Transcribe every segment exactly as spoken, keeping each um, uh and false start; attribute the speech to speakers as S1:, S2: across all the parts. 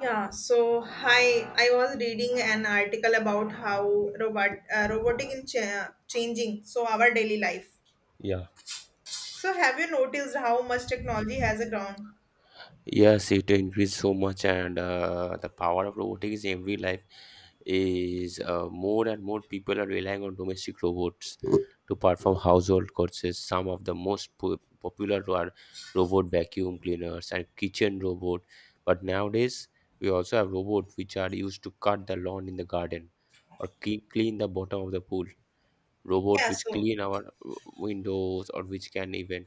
S1: Yeah, so hi, I was reading an article about how robot uh, robotic is cha- changing so our daily life.
S2: Yeah.
S1: So have you noticed how much technology has a ground?
S2: Yes, it increased so much, and uh, the power of robotics in every life is uh, more and more people are relying on domestic robots to perform household chores. Some of the most po- popular are robot vacuum cleaners and kitchen robot. But nowadays, we also have robots which are used to cut the lawn in the garden or clean, clean the bottom of the pool. Robot
S1: Yeah,
S2: which
S1: so
S2: clean our windows or which can even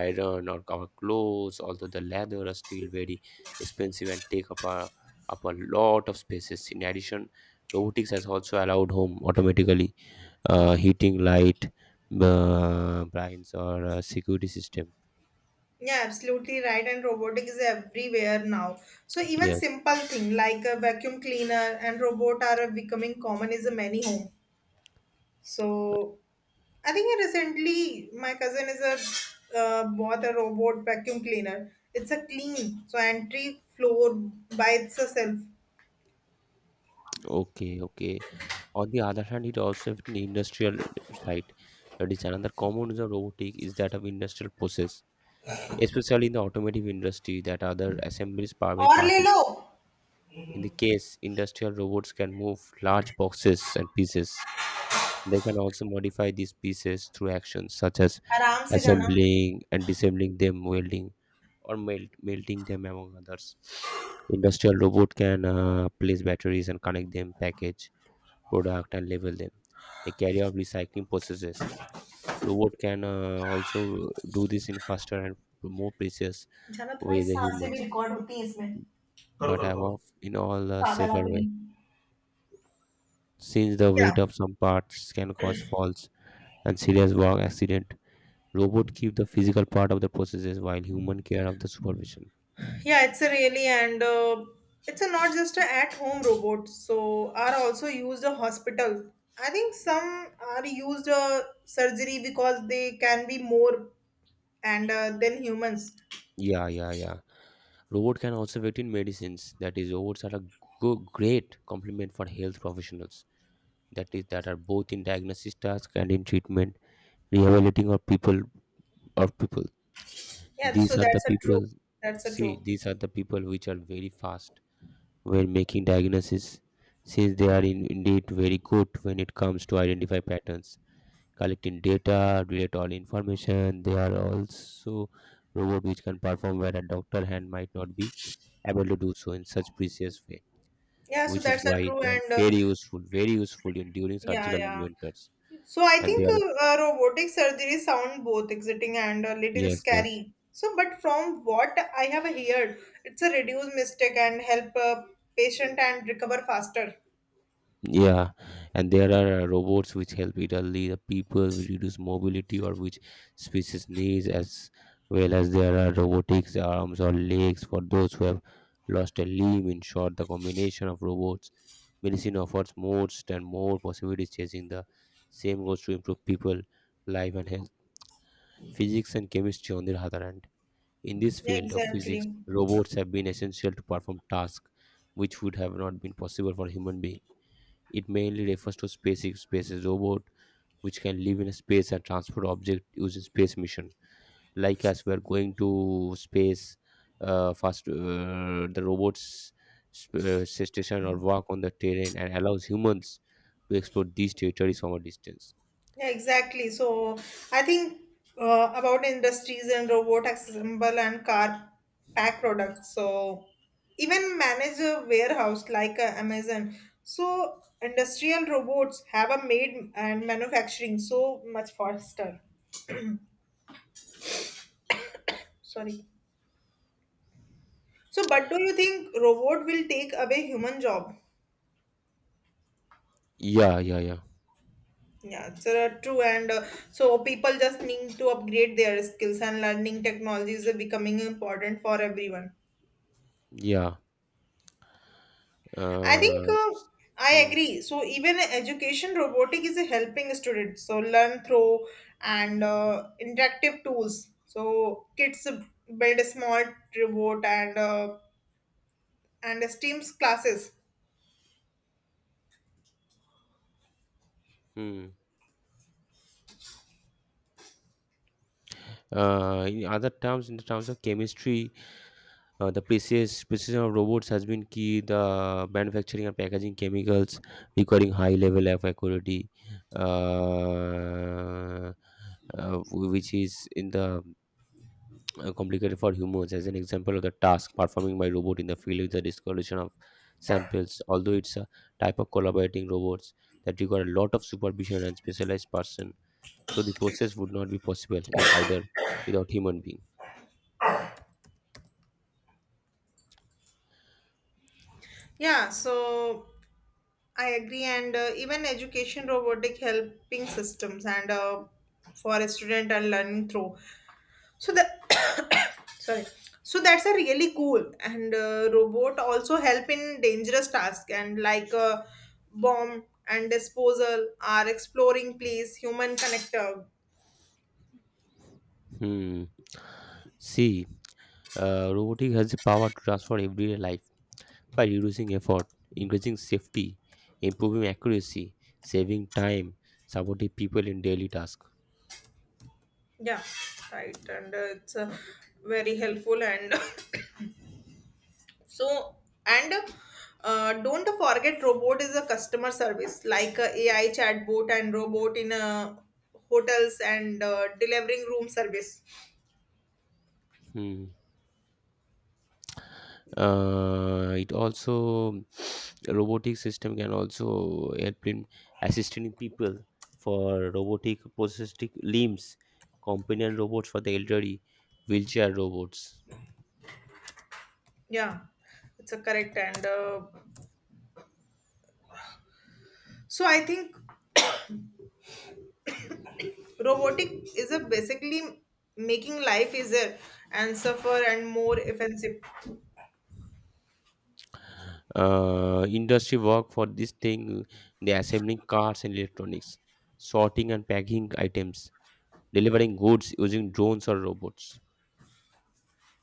S2: iron or our clothes, although the leather are still very expensive and take up a, up a lot of spaces. In addition, robotics has also allowed home automatically, uh, heating light, uh, blinds or uh, security system.
S1: yeah, absolutely right. And robotic is everywhere now. So even
S2: Yes.
S1: simple thing like a vacuum cleaner and robot are becoming common in many homes. So I think recently my cousin is a uh, bought a robot vacuum cleaner. It's a clean so entry floor by itself.
S2: Okay, okay. On the other hand, it also have an industrial side. That is another common use of robotic, is that of industrial process, especially in the automotive industry that other assemblies powered by
S1: और ले
S2: parties.
S1: Low
S2: In the case, industrial robots can move large boxes and pieces. They can also modify these pieces through actions such as
S1: आराम से जाना
S2: assembling and disassembling them, welding or melt, melting them, among others. Industrial robot can uh, place batteries and connect them, package product and label them. They carry out recycling processes. Robot can uh, also do this in faster and more precise
S1: जाना तुम्हारी
S2: weigh the
S1: सांसें भी
S2: humans,
S1: record होती हैं इसमें करो
S2: but
S1: करो
S2: have
S1: करो
S2: of in all a
S1: पागल
S2: safer
S1: आदमी
S2: way. Since the
S1: yeah
S2: weight of some parts can cause falls and serious work accident, robot keep the physical part of the processes while human care of the supervision.
S1: yeah, it's a really and uh, it's a not just a at home robot so are also used a hospital. I think some are used a surgery because they can be more and uh, then humans.
S2: Yeah, yeah, yeah. Robot can also wait in medicines. That is, robots are a go- great complement for health professionals. That is, that are both in diagnosis task and in treatment, rehabilitating of people or people.
S1: Yeah, so
S2: These are the
S1: that's a true.
S2: people.
S1: That's a
S2: See,
S1: true.
S2: these are the people which are very fast when making diagnosis, since they are in, indeed very good when it comes to identify patterns, collecting data relate all information. They are also robot which can perform where a doctor hand might not be able to do so in such precise way,
S1: Yeah, so
S2: which is
S1: that's
S2: why
S1: a true.
S2: they are
S1: And uh,
S2: very useful very useful in during
S1: yeah,
S2: surgical
S1: yeah.
S2: inventors
S1: So I
S2: and they
S1: think
S2: are.
S1: uh, uh, robotic surgery sound both exciting and a little
S2: Yes, yes.
S1: scary. So, but from what I have heard, it's a reduce mistake and help uh patient and recover faster.
S2: Yeah, and there are uh, robots which help it only the people, which reduce mobility or which species needs, as well as there are robotics arms or legs for those who have lost a limb. In short, the combination of robots, medicine offers more and more possibilities, chasing the same goals to improve people, life and health. Physics and chemistry, on the other hand, in this
S1: Yeah,
S2: field of physics,
S1: exactly.
S2: robots have been essential to perform tasks which would have not been possible for human being. It mainly refers to SpaceX space's robot, which can live in space and transport objects using space mission. Like us, we're going to space. Uh, first, uh, the robots sp- uh, station or walk on the terrain and allows humans to explore these territories from a distance.
S1: Yeah, exactly. So I think uh, about industries and robot assemble and car pack products. So even manage a warehouse like uh, Amazon. So industrial robots have a made and manufacturing so much faster. Sorry. So, but do you think robot will take away human job?
S2: Yeah, yeah, yeah,
S1: Yeah, it's uh, true. And uh, so people just need to upgrade their skills and learning technologies are becoming important for everyone.
S2: yeah.
S1: I think
S2: Uh,
S1: uh, I
S2: hmm,
S1: agree. So even education robotic is helping students so learn through and uh, interactive tools. So kids build a small robot and uh, and STEAM's classes.
S2: hmm. Uh, in other terms, in the terms of chemistry, Uh, the precise precision of robots has been key. The manufacturing and packaging chemicals requiring high level of accuracy, uh, uh, which is in the uh, complicated for humans. As an example of the task performing by robot in the field is the discoloration of samples. Although it's a type of collaborating robots that require a lot of supervision and specialized person, so the process would not be possible eh, either without human being.
S1: Yeah, so I agree, and uh, even education robotic helping systems and uh, for a student and learning through. So the sorry. So that's a really cool and uh, robot also help in dangerous tasks and like uh, bomb and disposal are exploring please human connector.
S2: Hmm. See. Uh, robotic has the power to transform everyday life by reducing effort, increasing safety, improving accuracy, saving time, supporting people in daily tasks.
S1: Yeah, right. And uh, it's uh, very helpful and so and uh, don't forget robot is a customer service like uh, a AI chatbot and robot in uh, hotels and uh, delivering room service.
S2: Hmm. Uh, it also robotic system can also help in assisting people for robotic prosthetic limbs, companion robots for the elderly, wheelchair robots.
S1: Yeah, it's a correct and. Uh, So I think robotic is a basically making life easier and suffer and more offensive.
S2: Uh, industry work for this thing, they assembling cars and electronics, sorting and packing items, delivering goods using drones or robots.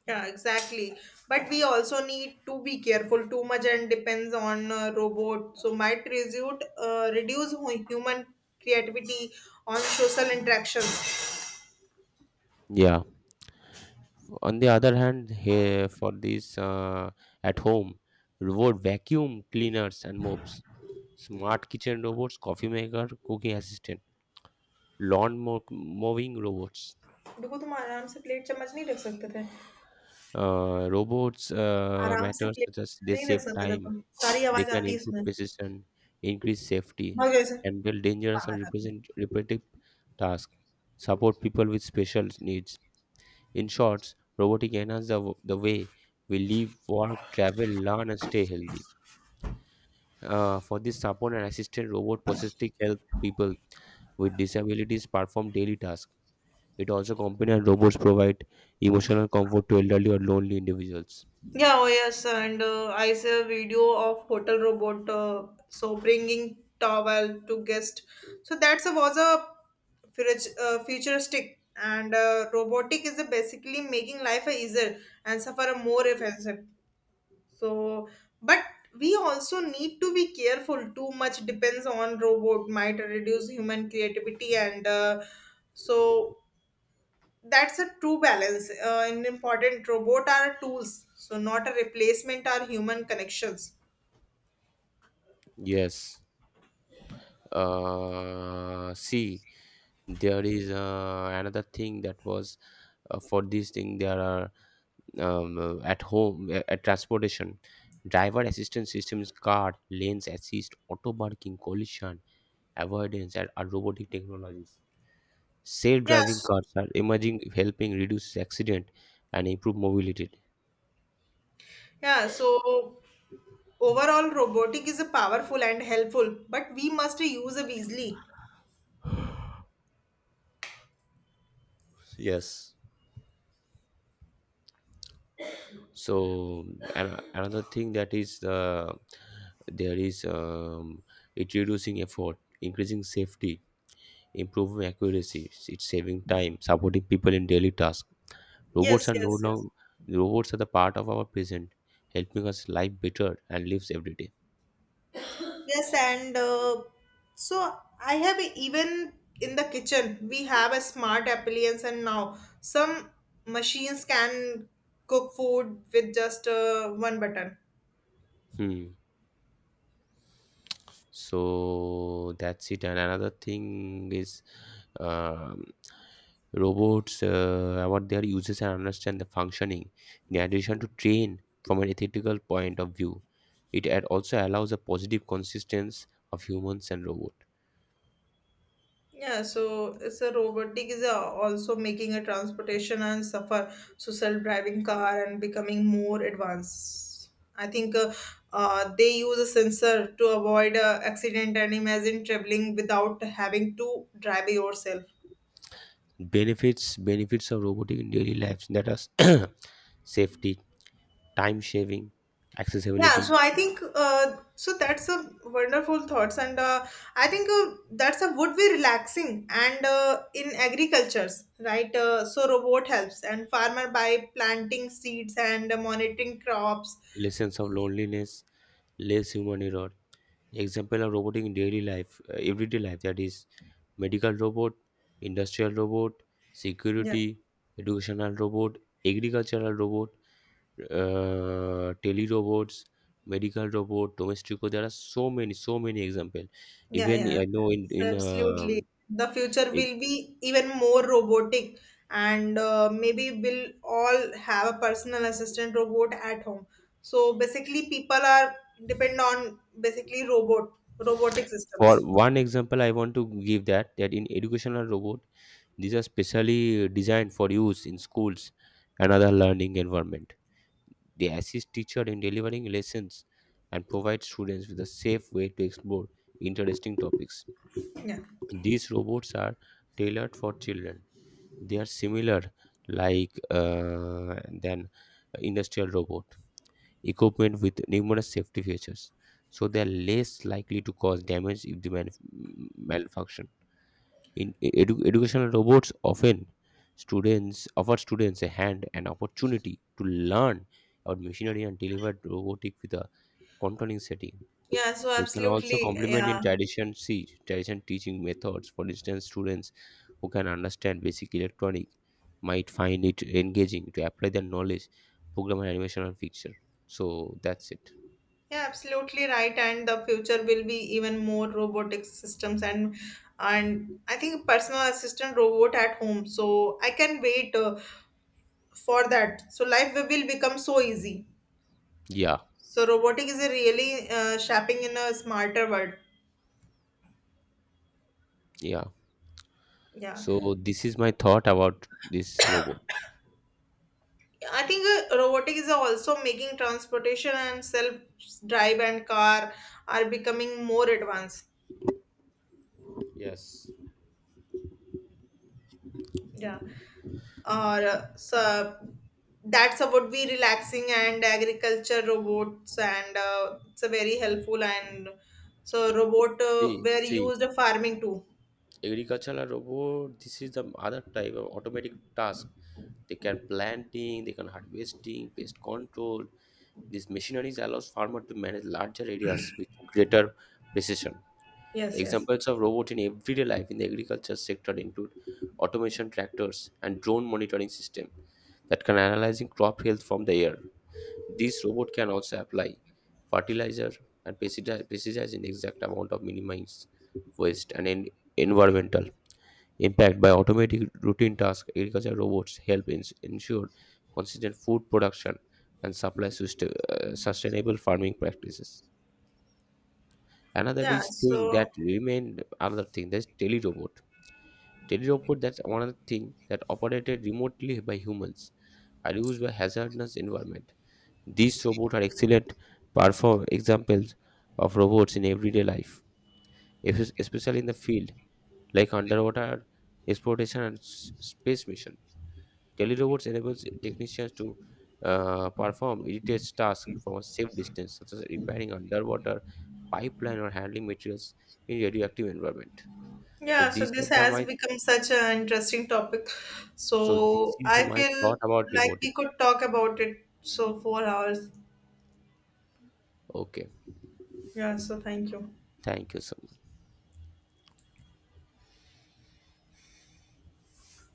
S1: Yeah, exactly. But we also need to be careful too much and depends on uh, robot. So might result uh, reduce hu- human creativity on social interactions.
S2: Yeah. On the other hand, here for this uh, at home, robot vacuum cleaners and mops, smart kitchen robots, coffee maker, cooking assistant, lawn mow- mowing robots,
S1: देखो तुम आराम से plate चम्मच नहीं रख सकते थे
S2: uh, robots uh,
S1: आराम से
S2: matters
S1: plate
S2: such as they
S1: नहीं रख
S2: save
S1: सकते थे
S2: time.
S1: तुम सारी
S2: They
S1: आवाज
S2: can
S1: आती है
S2: improve
S1: इसमें
S2: precision, increase safety,
S1: भाग जाओ इसे
S2: handle dangerous or
S1: पागल आदमी.
S2: represent repetitive tasks, support people with special needs. In short, robotic enhance the, w- the way we live, work, travel, learn, and stay healthy. Uh, for this support and assistant, robot processing help people with disabilities perform daily tasks. It also companion robots provide emotional comfort to elderly or lonely individuals.
S1: Yeah, oh yes, and uh, I saw a video of hotel robot uh, so bringing towel to guest. So that's a, was a futu- uh, futuristic and uh, robotic is a basically making life a easier and suffer a more offensive. So, but we also need to be careful. Too much depends on robot might reduce human creativity and uh, so that's a true balance uh, an important robot are tools so not a replacement are human connections.
S2: Yes. Uh see, there is uh, another thing that was uh, for this thing, there are um, uh, at home, uh, at transportation, driver assistance systems, car lanes assist, auto parking, collision avoidance, and are robotic technologies. Safe driving
S1: Yes,
S2: cars are emerging, helping reduce accident and improve mobility.
S1: yeah, so overall robotic is a powerful and helpful but we must use it wisely.
S2: Yes. So an- another thing that is uh, there is um, it reducing effort, increasing safety, improving accuracy, it's saving time, supporting people in daily tasks. Robots
S1: Yes,
S2: are no
S1: yes, yes,
S2: longer, robots are the part of our present, helping us live better and lives every day.
S1: yes, and uh, so I have even in the kitchen we have a smart appliance and now some machines can cook food with just uh, one button.
S2: Hmm. So that's it. And another thing is, um, robots, uh, what their uses and understand the functioning, in addition to train from an ethical point of view. It ad- also allows a positive consistence of humans and robot.
S1: Yeah, so it's a robotic is a- also making a transportation and suffer so self-driving car and becoming more advanced. I think uh, uh, they use a sensor to avoid a accident and imagine traveling without having to drive yourself.
S2: Benefits benefits of robotic in daily lives, that are safety, time saving,
S1: Yeah,
S2: accessibility,
S1: so I think uh, so that's a wonderful thoughts, and uh, I think uh, that's a would be relaxing and uh, in agricultures, right? Uh, so robot helps and farmer by planting seeds and monitoring crops.
S2: lessons of loneliness, less human error. Example of robotic in daily life, uh, everyday life, that is medical robot, industrial robot,
S1: Yeah.
S2: security, educational robot, agricultural robot, uh, tele robots, medical robot, domestic robot. There are so many, so many examples.
S1: Yeah,
S2: Even
S1: yeah,
S2: I know in in
S1: so absolutely.
S2: um,
S1: The future
S2: in,
S1: will be even more robotic, and uh, maybe we'll all have a personal assistant robot at home. So basically, people are depend on basically robot robotic
S2: for
S1: systems.
S2: one example, I want to give that that in educational robot, these are specially designed for use in schools and other learning environment. They assist teachers in delivering lessons and provide students with a safe way to explore interesting topics.
S1: Yeah,
S2: These robots are tailored for children. They are similar, like uh, than industrial robot equipment, with numerous safety features so they are less likely to cause damage if the man- malfunction. In e- edu- educational robots often, students offer students a hand, an opportunity to learn about machinery and deliver robotic with a controlling setting.
S1: yeah. So
S2: They can also
S1: absolutely,
S2: complement in
S1: yeah,
S2: tradition see tradition teaching methods. For instance, students who can understand basic electronic might find it engaging to apply their knowledge, program and animation and picture. So that's it.
S1: yeah, absolutely right. And the future will be even more robotic systems and and I think personal assistant robot at home. So I can wait. Uh, for that so life will become so easy
S2: Yeah,
S1: so robotic is a really uh, shaping in a smarter world.
S2: yeah.
S1: Yeah,
S2: So this is my thought about this robot.
S1: i think uh, robotic is also making transportation and self drive and car are becoming more advanced.
S2: Yes.
S1: Yeah, or uh, so that's about we relaxing and agriculture robots and uh, it's a very helpful and so robot uh,
S2: See,
S1: were
S2: see.
S1: used farming too.
S2: Agricultural robot, this is the other type of automatic task. They can planting, they can harvesting, pest control. These machineries allows farmer to manage larger areas with greater precision.
S1: Yes, yes,
S2: Examples of robot in everyday life in the agriculture sector include automation tractors and drone monitoring system that can analyzing crop health from the air. This robot can also apply fertilizer and pesticide pesticide in exact amount of minimize waste and en- environmental impact by automating routine tasks. Agriculture robots help in, ensure consistent food production and supply suste- uh, sustainable farming practices. Another
S1: yeah,
S2: is thing that
S1: so
S2: remained another thing that's telerobot. Telerobot, that's another thing, that operated remotely by humans, are used by hazardous environment. These robots are excellent perform examples of robots in everyday life, es- especially in the field like underwater exploration and s- space mission. Telerobots enables technicians to uh, perform immediate tasks from a safe distance, such as repairing underwater pipeline or handling materials in radioactive environment. So
S1: yeah, so
S2: these are
S1: this
S2: the
S1: has
S2: my,
S1: become such an interesting topic.
S2: so this
S1: So
S2: is the
S1: I
S2: my
S1: feel
S2: thought about
S1: like
S2: robotics.
S1: we could talk about it so four hours.
S2: Okay,
S1: Yeah, so thank you.
S2: thank you so much.